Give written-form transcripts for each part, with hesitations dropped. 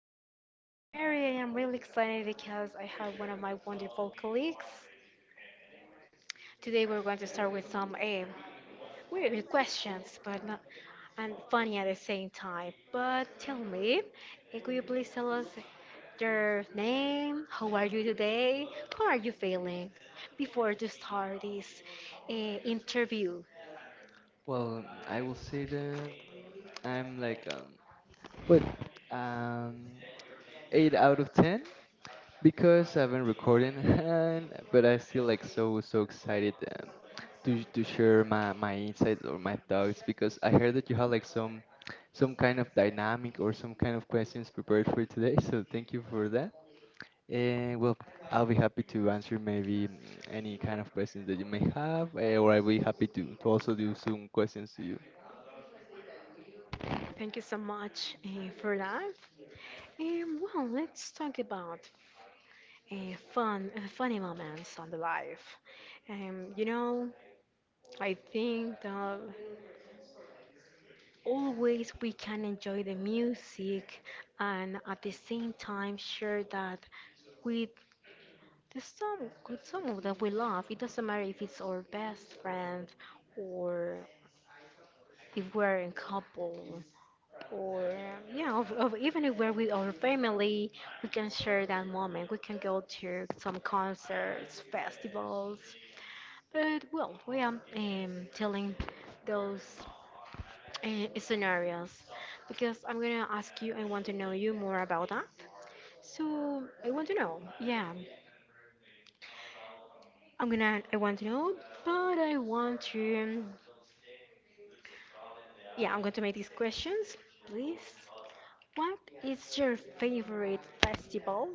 and my name is Mary, and I'm really excited because I have one of my wonderful colleagues. Today, we're going to start with some weird questions, but not and funny at the same time. But tell me, could you please tell us your name? How are you today? How are you feeling? Before to start this interview. Well, I will say that I'm like what um 8 out of 10 because I've been recording and but I still like so excited, to share my insights or my thoughts because I heard that you had like some kind of dynamic or some kind of questions prepared for today. So thank you for that. And well, I'll be happy to answer maybe any kind of questions that you may have, or I'll be happy to also do some questions to you. Thank you so much for that. Well, let's talk about uh, funny moments on the life. You know, I think that always we can enjoy the music and at the same time share that with the some with someone that we love. It doesn't matter if it's our best friend or if we're in couple. Or yeah, of even if we're with our family, we can share that moment. We can go to some concerts, festivals. But well, we are telling those scenarios because I'm gonna ask you. I want to know you more about that. So I want to know. Yeah, I'm gonna. I want to know, but I want to. Yeah, I'm going to make these questions, please. What is your favorite festival?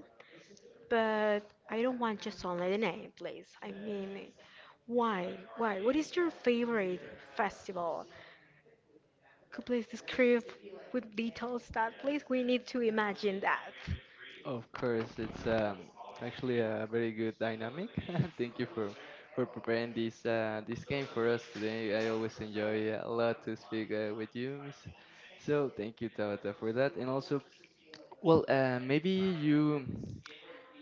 But I don't want just only the name, please. I mean, why? Why? What is your favorite festival? Could please describe with details that, please? We need to imagine that. Of course, it's actually a very good dynamic. Thank you for preparing this game for us today. I always enjoy a lot to speak with you, miss. So thank you, Tabata, for that. And also, well, maybe you.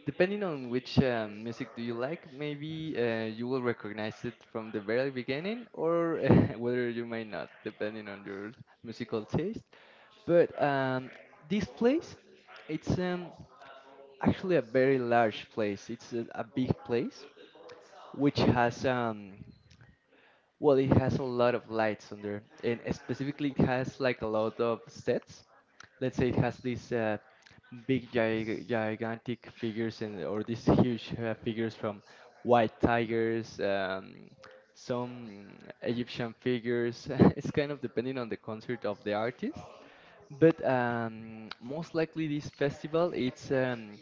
Depending on which music do you like, maybe you will recognize it from the very beginning, or whether you might not, depending on your musical taste. But this place, it's actually a very large place. It's a big place which has well, it has a lot of lights under, and specifically, it has like a lot of sets. Let's say it has these big, gigantic figures and or these huge figures from white tigers, some Egyptian figures. It's kind of depending on the concert of the artist, but most likely this festival, it's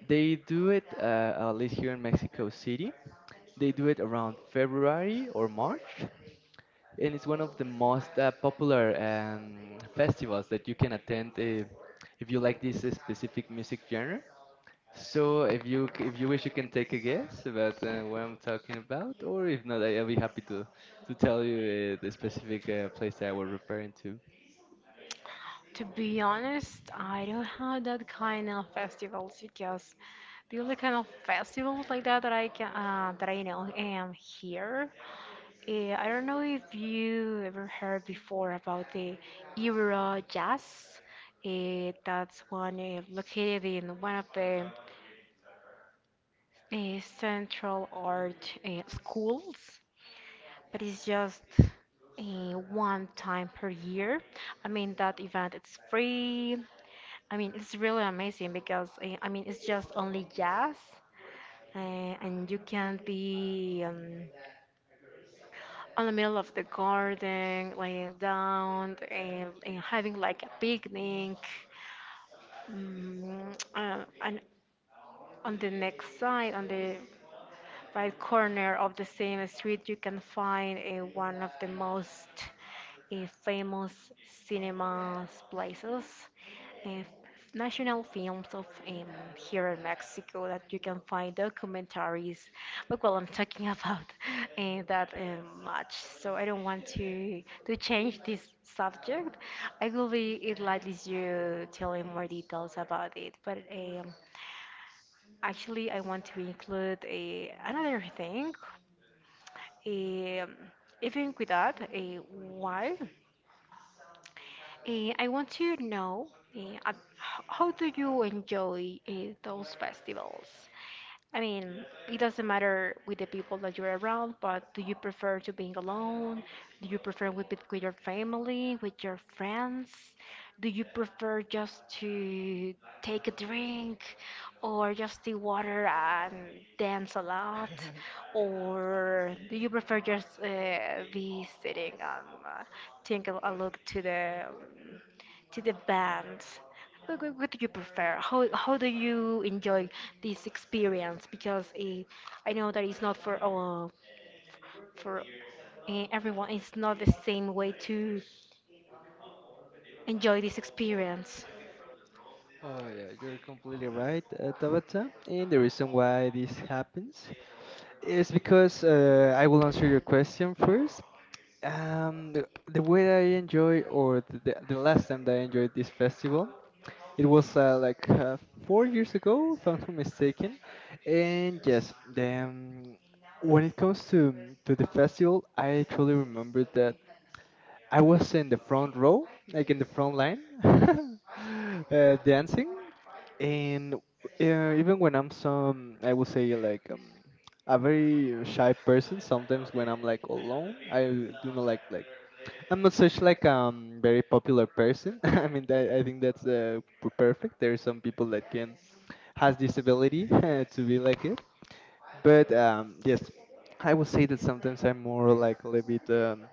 they do it at least here in Mexico City. They do it around February or March, and it's one of the most popular festivals that you can attend if you like this specific music genre. So if if you wish, you can take a guess about what I'm talking about, or if not, I'll be happy to tell you the specific place that I was referring to. To be honest, I don't have that kind of festivals because the only kind of festivals like that that I can that I know am here. I don't know if you ever heard before about the Euro Jazz. That's one located in one of the central art schools, but it's just one time per year. I mean, that event it's free. I mean, it's really amazing because I mean, it's just only jazz, and you can be on the middle of the garden, laying down and having like a picnic. Mm, and on the next side, on the right corner of the same street, you can find one of the most uh, famous cinemas places, uh, national films of here in Mexico that you can find documentaries. But well, I'm talking about that much, so I don't want to change this subject. I will be it likely you tell me more details about it, but. Actually, I want to include another thing, um, even with that, why? I want to know uh, how do you enjoy those festivals? I mean, it doesn't matter with the people that you're around, but do you prefer to being alone? Do you prefer with your family, with your friends? Do you prefer just to take a drink or just the water and dance a lot? Or do you prefer just be sitting and take a look to the band? What do you prefer? How do you enjoy this experience? Because I know that it's not for all for everyone. It's not the same way to enjoy this experience. Oh, yeah, you're completely right, Tabata. And the reason why this happens, it's because I will answer your question first. The way I enjoy, or the last time that I enjoyed this festival, it was like 4 years ago, if I'm not mistaken. And yes, then when it comes to the festival, I truly remember that I was in the front row, like in the front line, dancing, and even when I'm I would say like a very shy person. Sometimes when I'm like alone, I do not like I'm not such like very popular person. I mean, that, I think that's perfect. There are some people that can has this ability to be like it, but yes, I would say that sometimes I'm more like a little bit.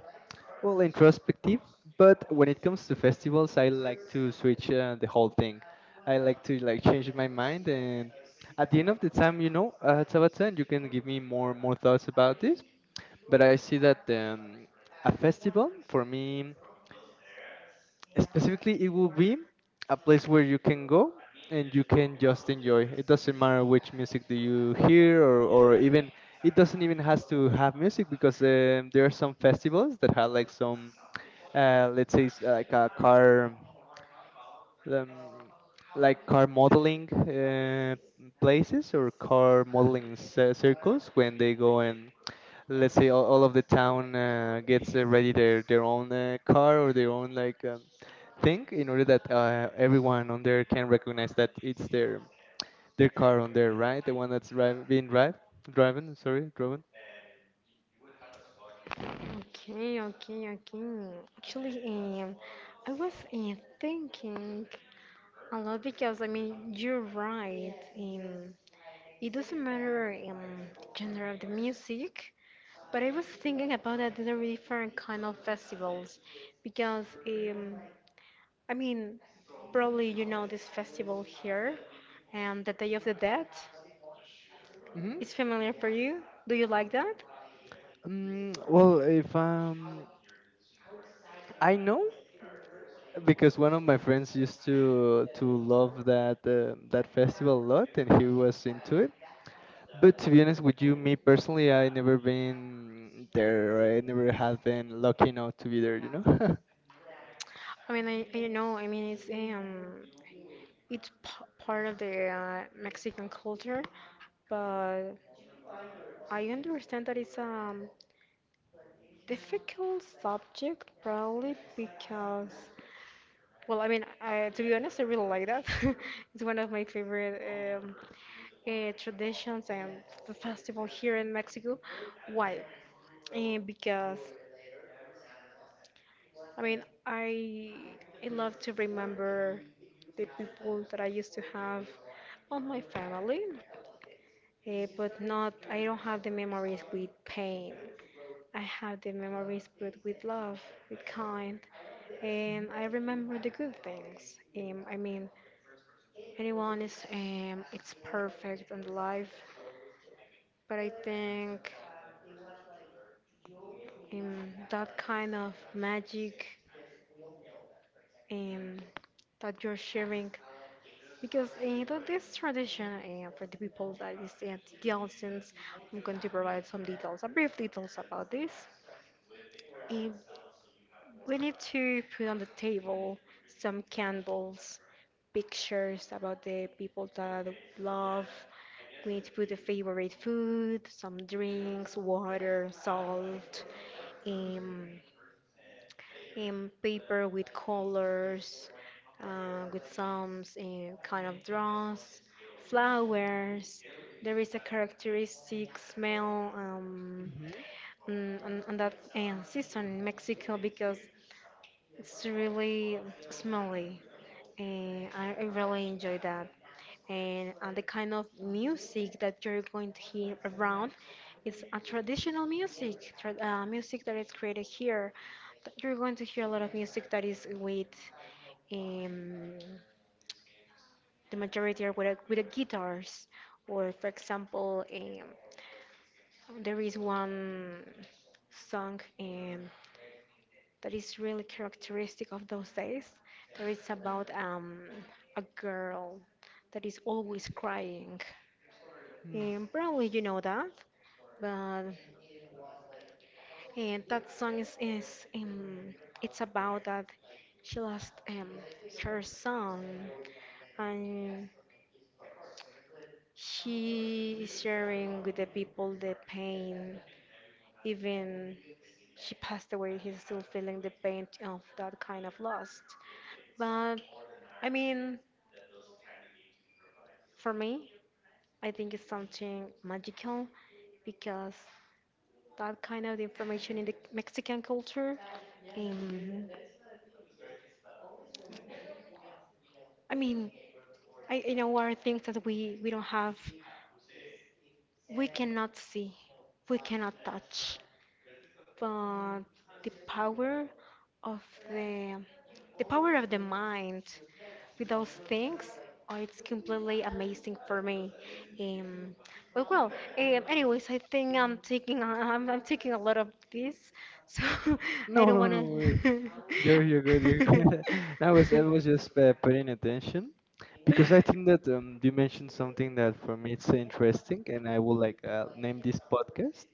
Well, introspective, but when it comes to festivals, I like to switch the whole thing. I like to like change my mind, and at the end of the time, you know, Tabata, and you can give me more thoughts about this. But I see that a festival for me specifically, it will be a place where you can go and you can just enjoy. It doesn't matter which music do you hear, or even it doesn't even has to have music because there are some festivals that have like some let's say it's like a car, um, like car modeling places or car modeling circles when they go and let's say all of the town gets ready their own car or their own like thing in order that everyone on there can recognize that it's their car on there, right, the one that's being driven. Okay, okay, okay. Actually, I was thinking a lot because I mean you're right. It doesn't matter genre of the music. But I was thinking about that there are different kind of festivals because I mean probably you know this festival here, and the Day of the Dead Hmm. is familiar for you. Do you like that? Well, if I know, because one of my friends used to love that festival a lot and he was into it, but to be honest with you, me personally, I never been there, or I never have been lucky enough to be there. I mean I know. I mean it's part of the Mexican culture, but I understand that it's difficult subject probably because. Well, I mean, I, to be honest, I really like that. It's one of my favorite traditions and the festival here in Mexico. Why? Because, I mean, I love to remember the people that I used to have on my family, but not, I don't have the memories with pain. I have the memories but with love, with kind, and I remember the good things. I mean, anyone is it's perfect in life, but I think um, that kind of magic, um, that you're sharing, because that this tradition for the people that is at the audience, I'm going to provide some details, a brief details about this. Uh, We need to put on the table some candles, pictures about the people that we love. We need to put the favorite food, some drinks, water, salt, um, paper with colors, with some kind of draws, flowers. There is a characteristic smell Mhm. On that season in Mexico because it's really smelly, and I really enjoy that. And the kind of music that you're going to hear around is a traditional music, tra music that is created here. That you're going to hear a lot of music that is with um, the majority are with a guitars, or for example, there is one song that is really characteristic of those days. That it's about a girl that is always crying. Mhm. Mm. And probably you know that, but and that song is it's about that she lost her son, and she is sharing with the people the pain. Even she passed away, he's still feeling the pain of that kind of loss. But I mean, for me, I think it's something magical because that kind of information in the Mexican culture, um, I mean, I you know, are things that we don't have, we cannot see, we cannot touch, but the power of the the power of the mind with those things, oh, it's completely amazing for me. um, but well, anyways, I think I'm taking I'm taking a lot of this, so I No, don't no, want no worries. to. You're good, you're good. I was just paying attention because I think that you mentioned something that for me it's interesting and I would like name this podcast,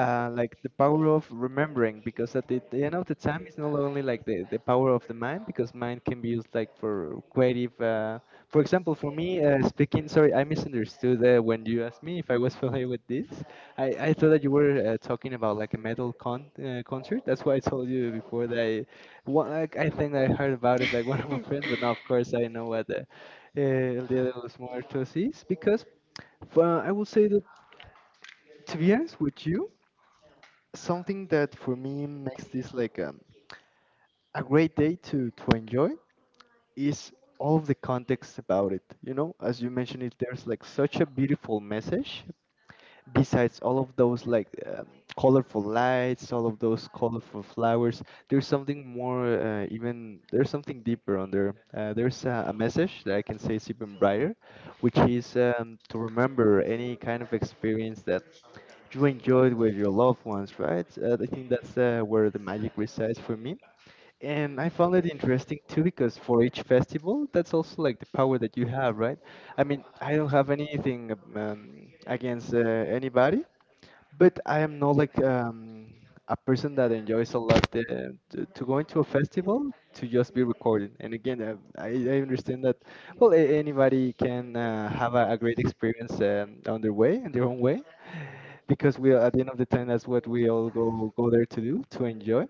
like the power of remembering, because at the end of the time it's not only like the power of the mind, because mind can be used like for creative, for example for me, speaking, sorry, I misunderstood, when you asked me if I was familiar with this. I thought that you were talking about like a metal concert. That's why I told you before that I, like, I think I heard about it, like, one of my friends. But now of course I know what the, el Día de los Muertos is, because I would say that, to be honest with you, something that for me makes this like a great day to enjoy is all of the context about it, as you mentioned it, there's like such a beautiful message, besides all of those like colorful lights, all of those colorful flowers. There's something more, even there's something deeper under, there's a message that I can say is even brighter, which is to remember any kind of experience you enjoy it with your loved ones, right? I think that's where the magic resides for me. And I found it interesting too because for each festival, that's also like the power that you have, right? I mean, I don't have anything against anybody, but I am not like a person that enjoys a lot to go into a festival to just be recorded. And again, I understand that, well, anybody can have a great experience on their way, in their own way, because at the end of the time that's what we all go there to do to enjoy.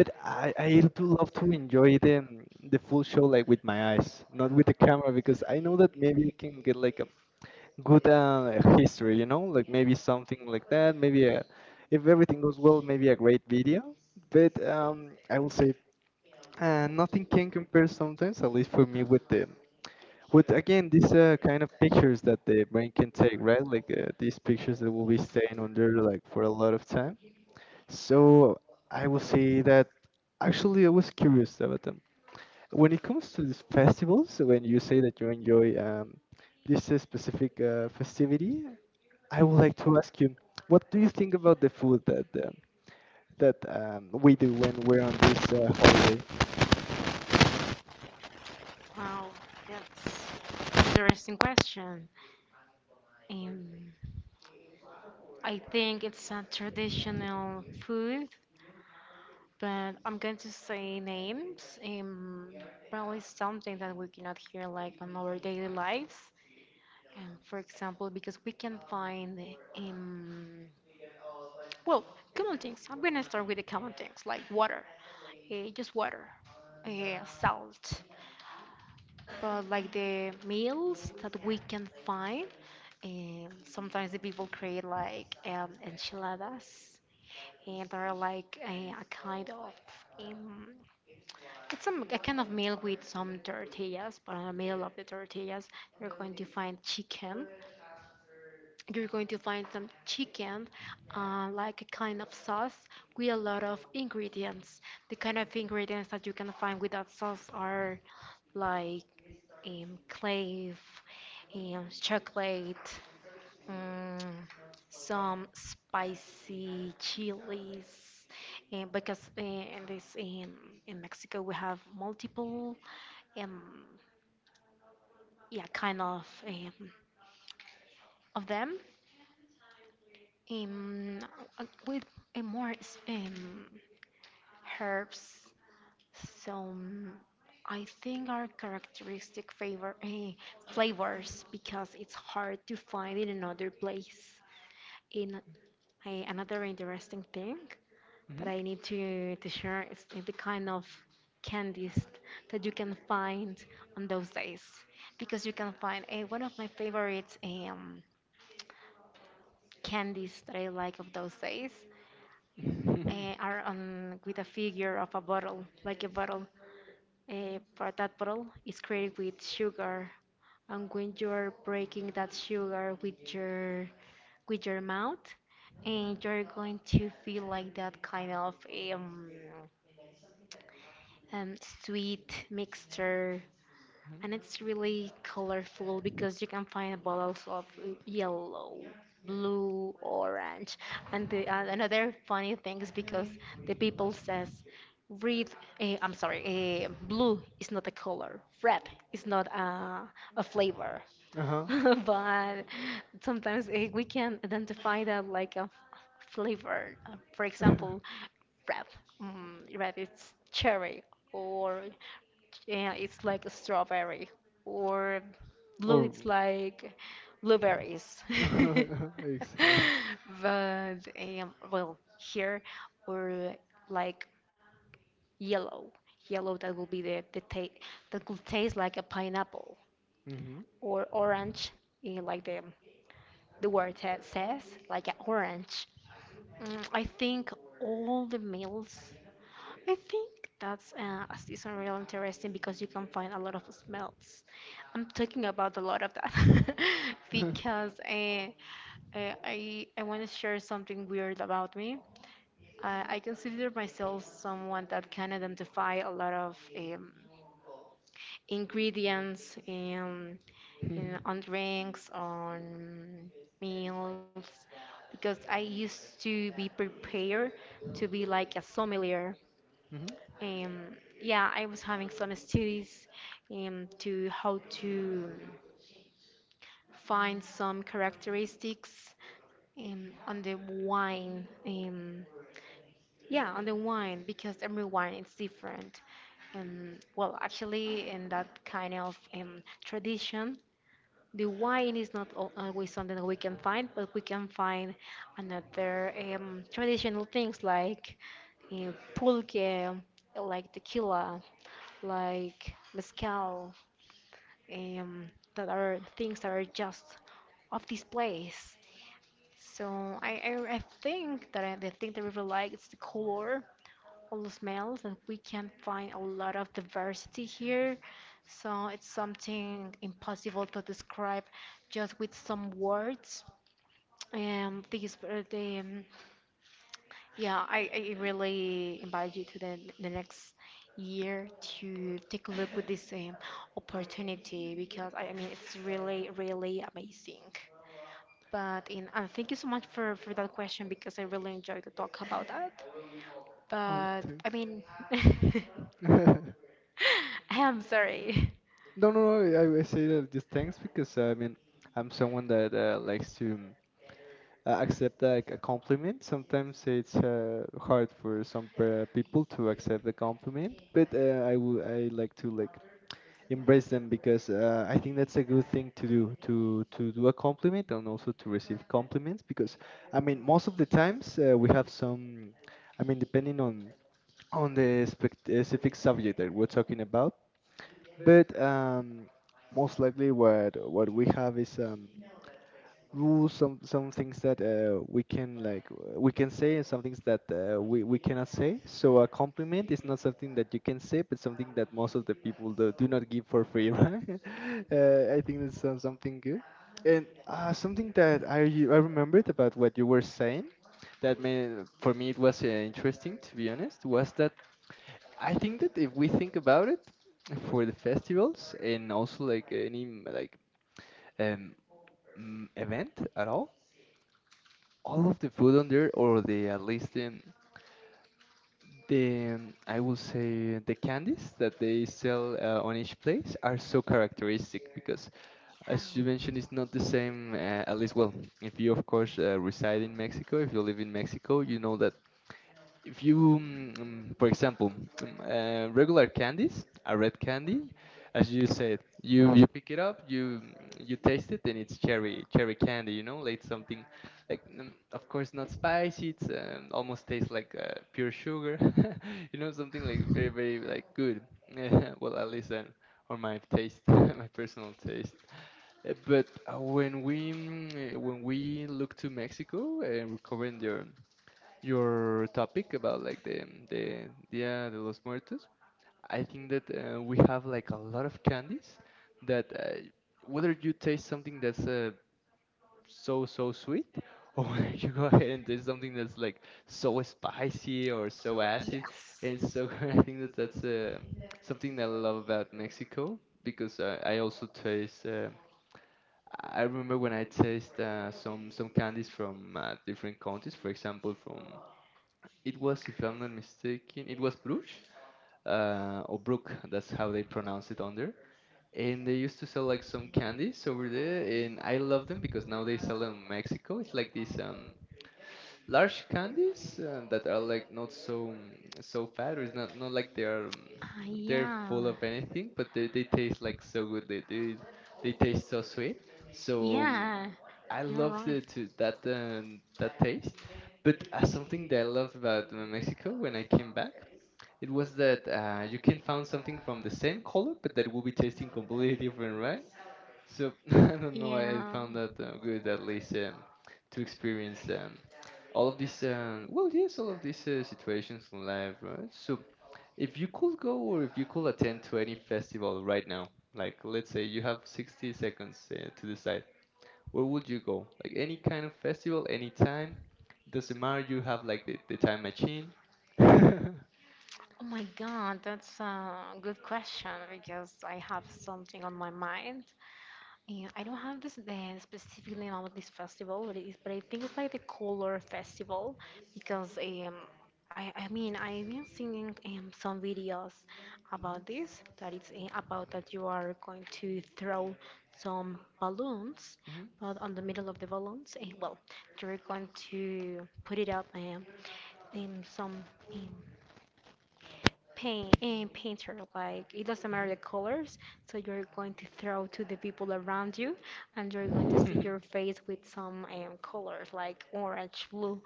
But I do love to enjoy the full show, like with my eyes, not with the camera, because I know that maybe you can get like a good, history, like maybe something like that, maybe if everything goes well, maybe a great video. But I will say, nothing can compare sometimes, at least for me, with the with again these kind of pictures that the brain can take, right, like, these pictures that will be staying on there like for a lot of time. So I will say that actually I was curious about them. When it comes to these festivals, when you say that you enjoy this specific festivity, I would like to ask you, what do you think about the food that we do when we're on this holiday? Wow, that's an interesting question. Um, I think it's a traditional food, but I'm going to say names. Probably something that we cannot hear like on our daily lives. For example, because we can find um, well, common things. I'm gonna start with the common things like water, just water, salt. But like the meals that we can find, sometimes the people create like enchiladas, and they're like a kind of um, it's a kind of meal with some tortillas, but in the middle of the tortillas you're going to find chicken. You're going to find some chicken, like a kind of sauce with a lot of ingredients. The kind of ingredients that you can find with that sauce are like clave, chocolate, Mm, some spicy chilies, and because in this in Mexico we have multiple um yeah kind of them, um with more herbs. So I think our characteristic flavors because it's hard to find in another place. In Another interesting thing but Mhm. I need to share is the kind of candies that you can find on those days. Because you can find one of my favorite candies that I like of those days Mhm. Are on with a figure of a bottle, like a bottle. But that bottle is created with sugar, and when you're breaking that sugar with your mouth, and you're going to feel like that kind of um, um, sweet mixture, and it's really colorful Mhm. because you can find bottles of yellow, blue, orange, and the another funny thing is because the people says red. I'm sorry, blue is not a color. Red is not a flavor. Uh But sometimes we can identify that like a flavor. For huh. example, rap, rap it's cherry, or yeah, it's like a strawberry, or blue Or. it's like blueberries. Exactly. But well, here or like yellow, yellow that will be the ta that could taste like a pineapple, Mhm. or orange, like the says, like an orange. I think all the meals. I think that's a season real interesting because you can find a lot of smells. I'm talking about a lot of that because I want to share something weird about me. I consider myself someone that can identify a lot of ingredients Mhm. in on drinks, on meals, because I used to be prepared to be like a sommelier. Mhm. And yeah, I was having some studies, to how to find some characteristics on the wine. Yeah, on the wine because every wine is different. And well, actually, in that kind of tradition, the wine is not always something that we can find, but we can find another traditional things like pulque, like tequila, like mezcal, um, that are things that are just of this place. So I think that I, the thing that I really like is the color all smells, and we can find a lot of diversity here. So it's something impossible to describe just with some words. Um, these, uh, the, um, yeah, I really invite you to the next year to take a look with this opportunity because I mean it's really, really amazing. And thank you so much for that question because I really enjoyed to talk about that. Oh, But I thanks. mean, I am sorry. No, no, no. I say that just thanks because I mean, I'm someone that likes to, accept like a compliment. Sometimes it's hard for some people to accept the compliment, but I like to like embrace them because I think that's a good thing to do, to do a compliment, and also to receive compliments, because I mean most of the times we have some, I mean, depending on the specific subject that we're talking about. But most likely what we have is rules, some things that we can like, we can say, and some things that we cannot say. So a compliment is not something that you can say, but something that most of the people do not give for free, right? I think that's something good, and something that I remembered about what you were saying that made, for me it was interesting, to be honest, was that I think that if we think about it, for the festivals and also like any like um event at all, of the food on there, or the at least in the, I will say the candies that they sell on each place are so characteristic because, as you mentioned, Yeah. it's not the same. At least, well, if you of course reside in Mexico, if you live in Mexico, you know that if you, mm, for example, regular candies, a red candy, as you said, you pick it up, you you taste it, and it's cherry candy. You know, like something like of course not spicy. It's almost tastes like pure sugar. You know, something like very like good. Well, at least on my taste, my personal taste. But when we look to Mexico, recovering their your topic about like the Dia de los Muertos. I think that we have like a lot of candies that whether you taste something that's so sweet, or whether you go ahead and taste something that's like so spicy or so acid and so. I think Yes. that that's something that I love about Mexico because I also taste I remember when I taste some candies from different countries, for example, from it was, if I'm not mistaken, it was Bruges, or Brook. That's how they pronounce it on there. And they used to sell like some candies over there, and I love them because now they sell them in Mexico. It's like these large candies that are like not so so fat, or it's not like they are Ah, they're yeah. full of anything, but Yeah. they taste like so good. They taste so sweet. So, I You're love right. the to that that taste, but something that I loved about Mexico when I came back, it was that you can find something from the same color, but that will be tasting completely different, right? So I don't know. I Yeah. found that good, at least to experience all of these. Well, yes, all of these situations in life, right? So if you could go or if you could attend to any festival right now, like let's say you have 60 seconds to decide where would you go? Like any kind of festival, any time. Doesn't matter. You have like the time machine. Oh my god, that's a good question because I have something on my mind. And I don't have this the specifically name of this festival, but it is, but I think it's like the color festival because I mean I've been seeing some videos about this that it's about that you are going to throw some balloons, Mhm. but on the middle of the balloons, and well, you're going to put it up in some um, paint and painter like it doesn't matter the colors, so you're going to throw to the people around you, and you're going to Mhm. see your Mhm. face with some colors like orange, blue,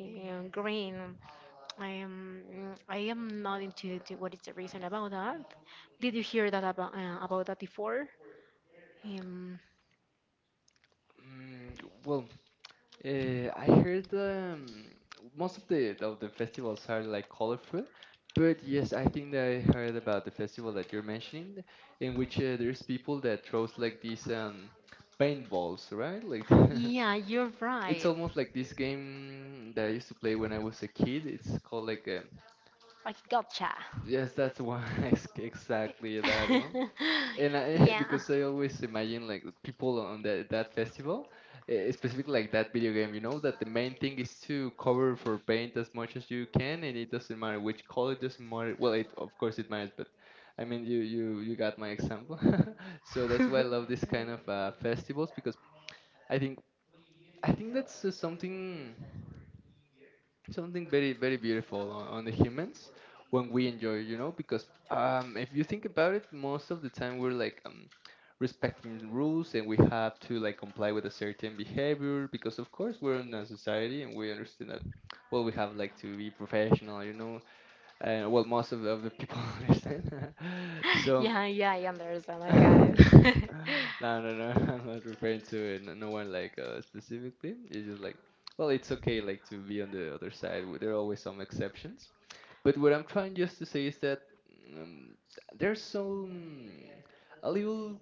and green. I am not into the, what is the reason about that? Did you hear that about that before? um, well, I heard most of the festivals are like colorful, but yes, I think that I heard about the festival that you're mentioning, in which there's people that throws like these paintballs, right? Like yeah, you're it's right. almost like this game that I used to play when I was a kid. It's called like Like gotcha. yes, that's one. ex- exactly that one. And And I, I, because I always imagine like the people on that festival, specifically like that video game, you know that the main thing is to cover for paint as much as you can, and it doesn't matter which color, it doesn't matter. Well, it of course it matters, but I mean you got my example. So that's why I love this kind of festivals, because I think, I think that's something, something very beautiful on the humans when we enjoy, you know, because, um, if you think about it, most of the time we're like, um, respecting the rules, and we have to like comply with a certain behavior because of course we're in a society and we understand that well we have like to be professional, you know. Well, most of of the people understand. So, yeah, I no, understand. no, no. I'm not referring to no no one like specifically. It's just like, well, it's okay like to be on the other side. There are always some exceptions. But what I'm trying just to say is that um, there's some a little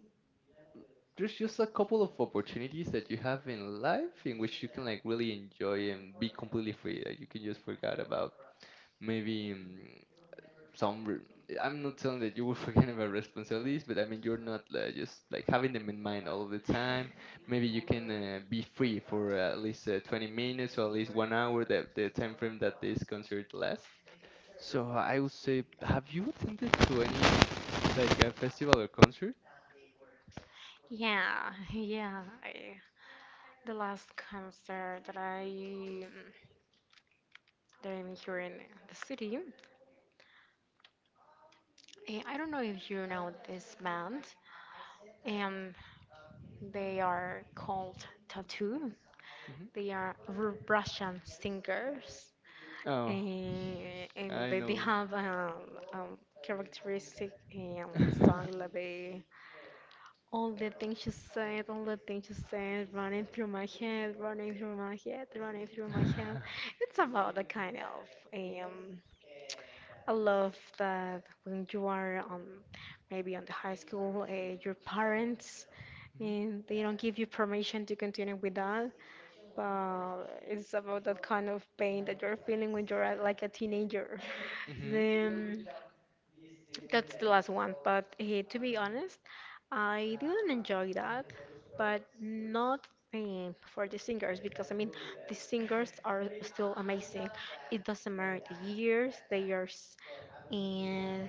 there's just a couple of opportunities that you have in life in which you can like really enjoy and be completely free. Like you can just forget about maybe, I'm not telling that you were forgetting about responsibilities, but I mean you're not just like having them in mind all of the time. Maybe you can be free for at least 20 minutes or at least 1 hour, that the time frame that this concert lasts. So I would say, have you attended to any, like a festival or concert? Yeah, yeah. I, the last concert that that I'm here in the city. Eh, I don't know if you know this band. Um, they are called Tattoo. Hmm. They are Russian singers. Oh, Eh, and I they know have a um, characteristic song, them. like they, all the things you said, all the things you said, running through my head, running through my head, running through my head. It's about a kind of um, I love that when you are maybe on the high school, your parents Hmm. and they don't give you permission to continue with that, but it's about that kind of pain that you're feeling when you're like a teenager. Hmm. Then that's the last one, but eh, to be honest, I didn't enjoy that, but not eh, for the singers because I mean the singers are still amazing. It doesn't matter the years, they are eh,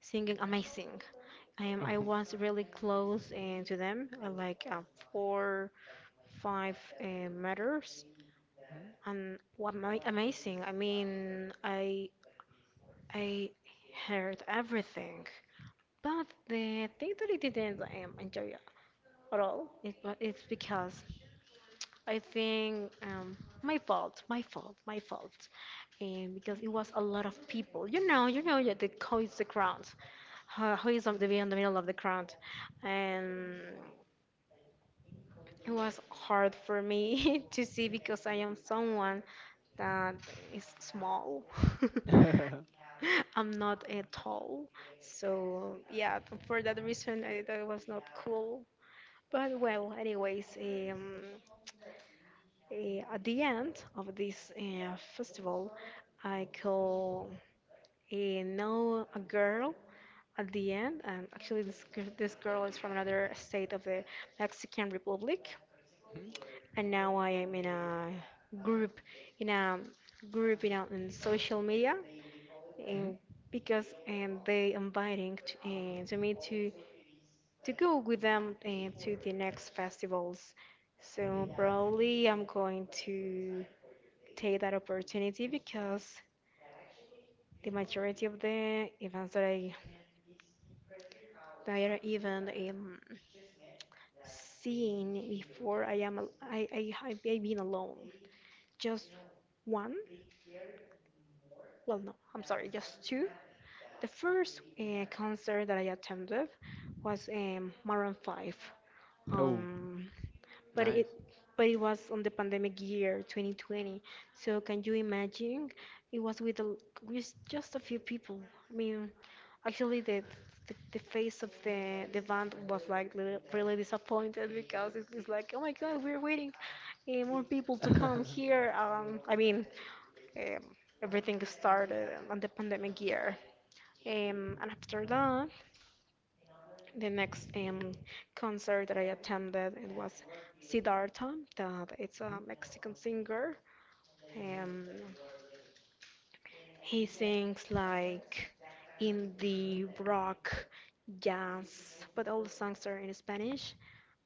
singing amazing. I Oh. was really close eh, to them, like four, five meters, Mhm. and what amazing. I mean, I heard everything. But the thing that I didn't enjoy at all, it's because I think my fault, and because it was a lot of people. You know, yeah, the who is the crowd, who is on the in the middle of the crowd, and it was hard for me to see because I am someone that is small. I'm not at tall, so yeah, for that reason, I, that was not cool. But well, anyways, at the end of this festival, I could know a girl at the end, and actually this girl is from another state of the Mexican Republic, and now I am group, in a group, you know, in social media, um, Mhm. because they inviting to me to go with them to the next festivals. So probably I'm going to take that opportunity because the majority of the events that I even seen before I have been alone. Just one? Well, no, I'm sorry, just two. The first concert that I attended was Maroon 5. Mhm. Oh, Um, But it nice. but it was on the pandemic year 2020. So can you imagine? It was with, a, with just a few people. I mean, actually the the face of the band was like really disappointed because it's like, oh my God, we're waiting eh, more people to come here. I mean, um, everything started on the pandemic year. And after that. The next concert that I attended it was Siddhartha. That it's a Mhm. Mexican singer. Mhm. Um, he sings like indie rock, jazz, but all the songs are in Spanish.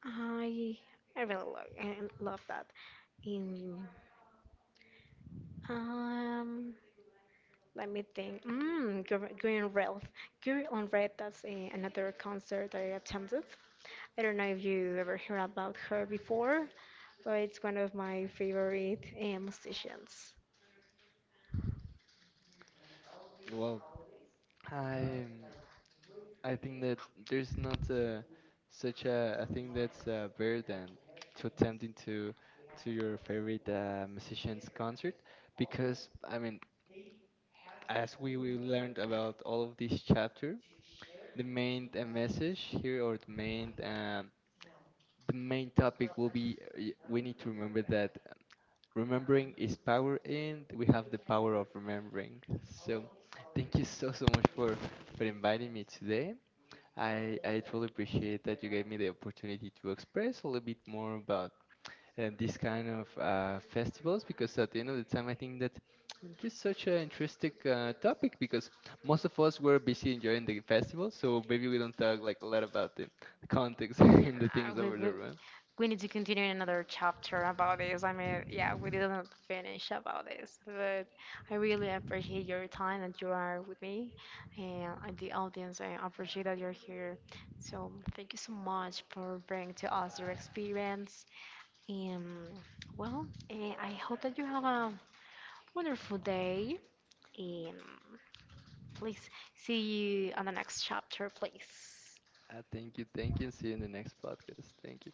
I I really love, I love that. In um, let me think. Green Red, Green on Red. That's a, another concert that I attended. I don't know if you ever heard about her before, but it's one of my favorite musicians. Well, I, yeah. I think that there's not a, such a thing that's better than to attempting to your favorite musician's concert, because I mean, as we learned about all of this chapter, the main message here, or the main topic will be we need to remember that remembering is power and we have the power of remembering. So thank you so much for inviting me today. I truly appreciate that you gave me the opportunity to express a little bit more about this kind of festivals, because at the end of the time I think that just such an interesting topic, because most of us were busy enjoying the festival, so maybe we don't talk like a lot about the context Yeah, and the things we, over we, there, right? we need to continue in another chapter about this. I mean, yeah, we didn't finish about this, but I really appreciate your time that you are with me and the audience. I appreciate that you're here. So thank you so much for bringing to us your experience. And well, eh, I hope that you have a wonderful day. And please see you on the next chapter, please. Thank you, thank you, and see you in the next podcast. Thank you.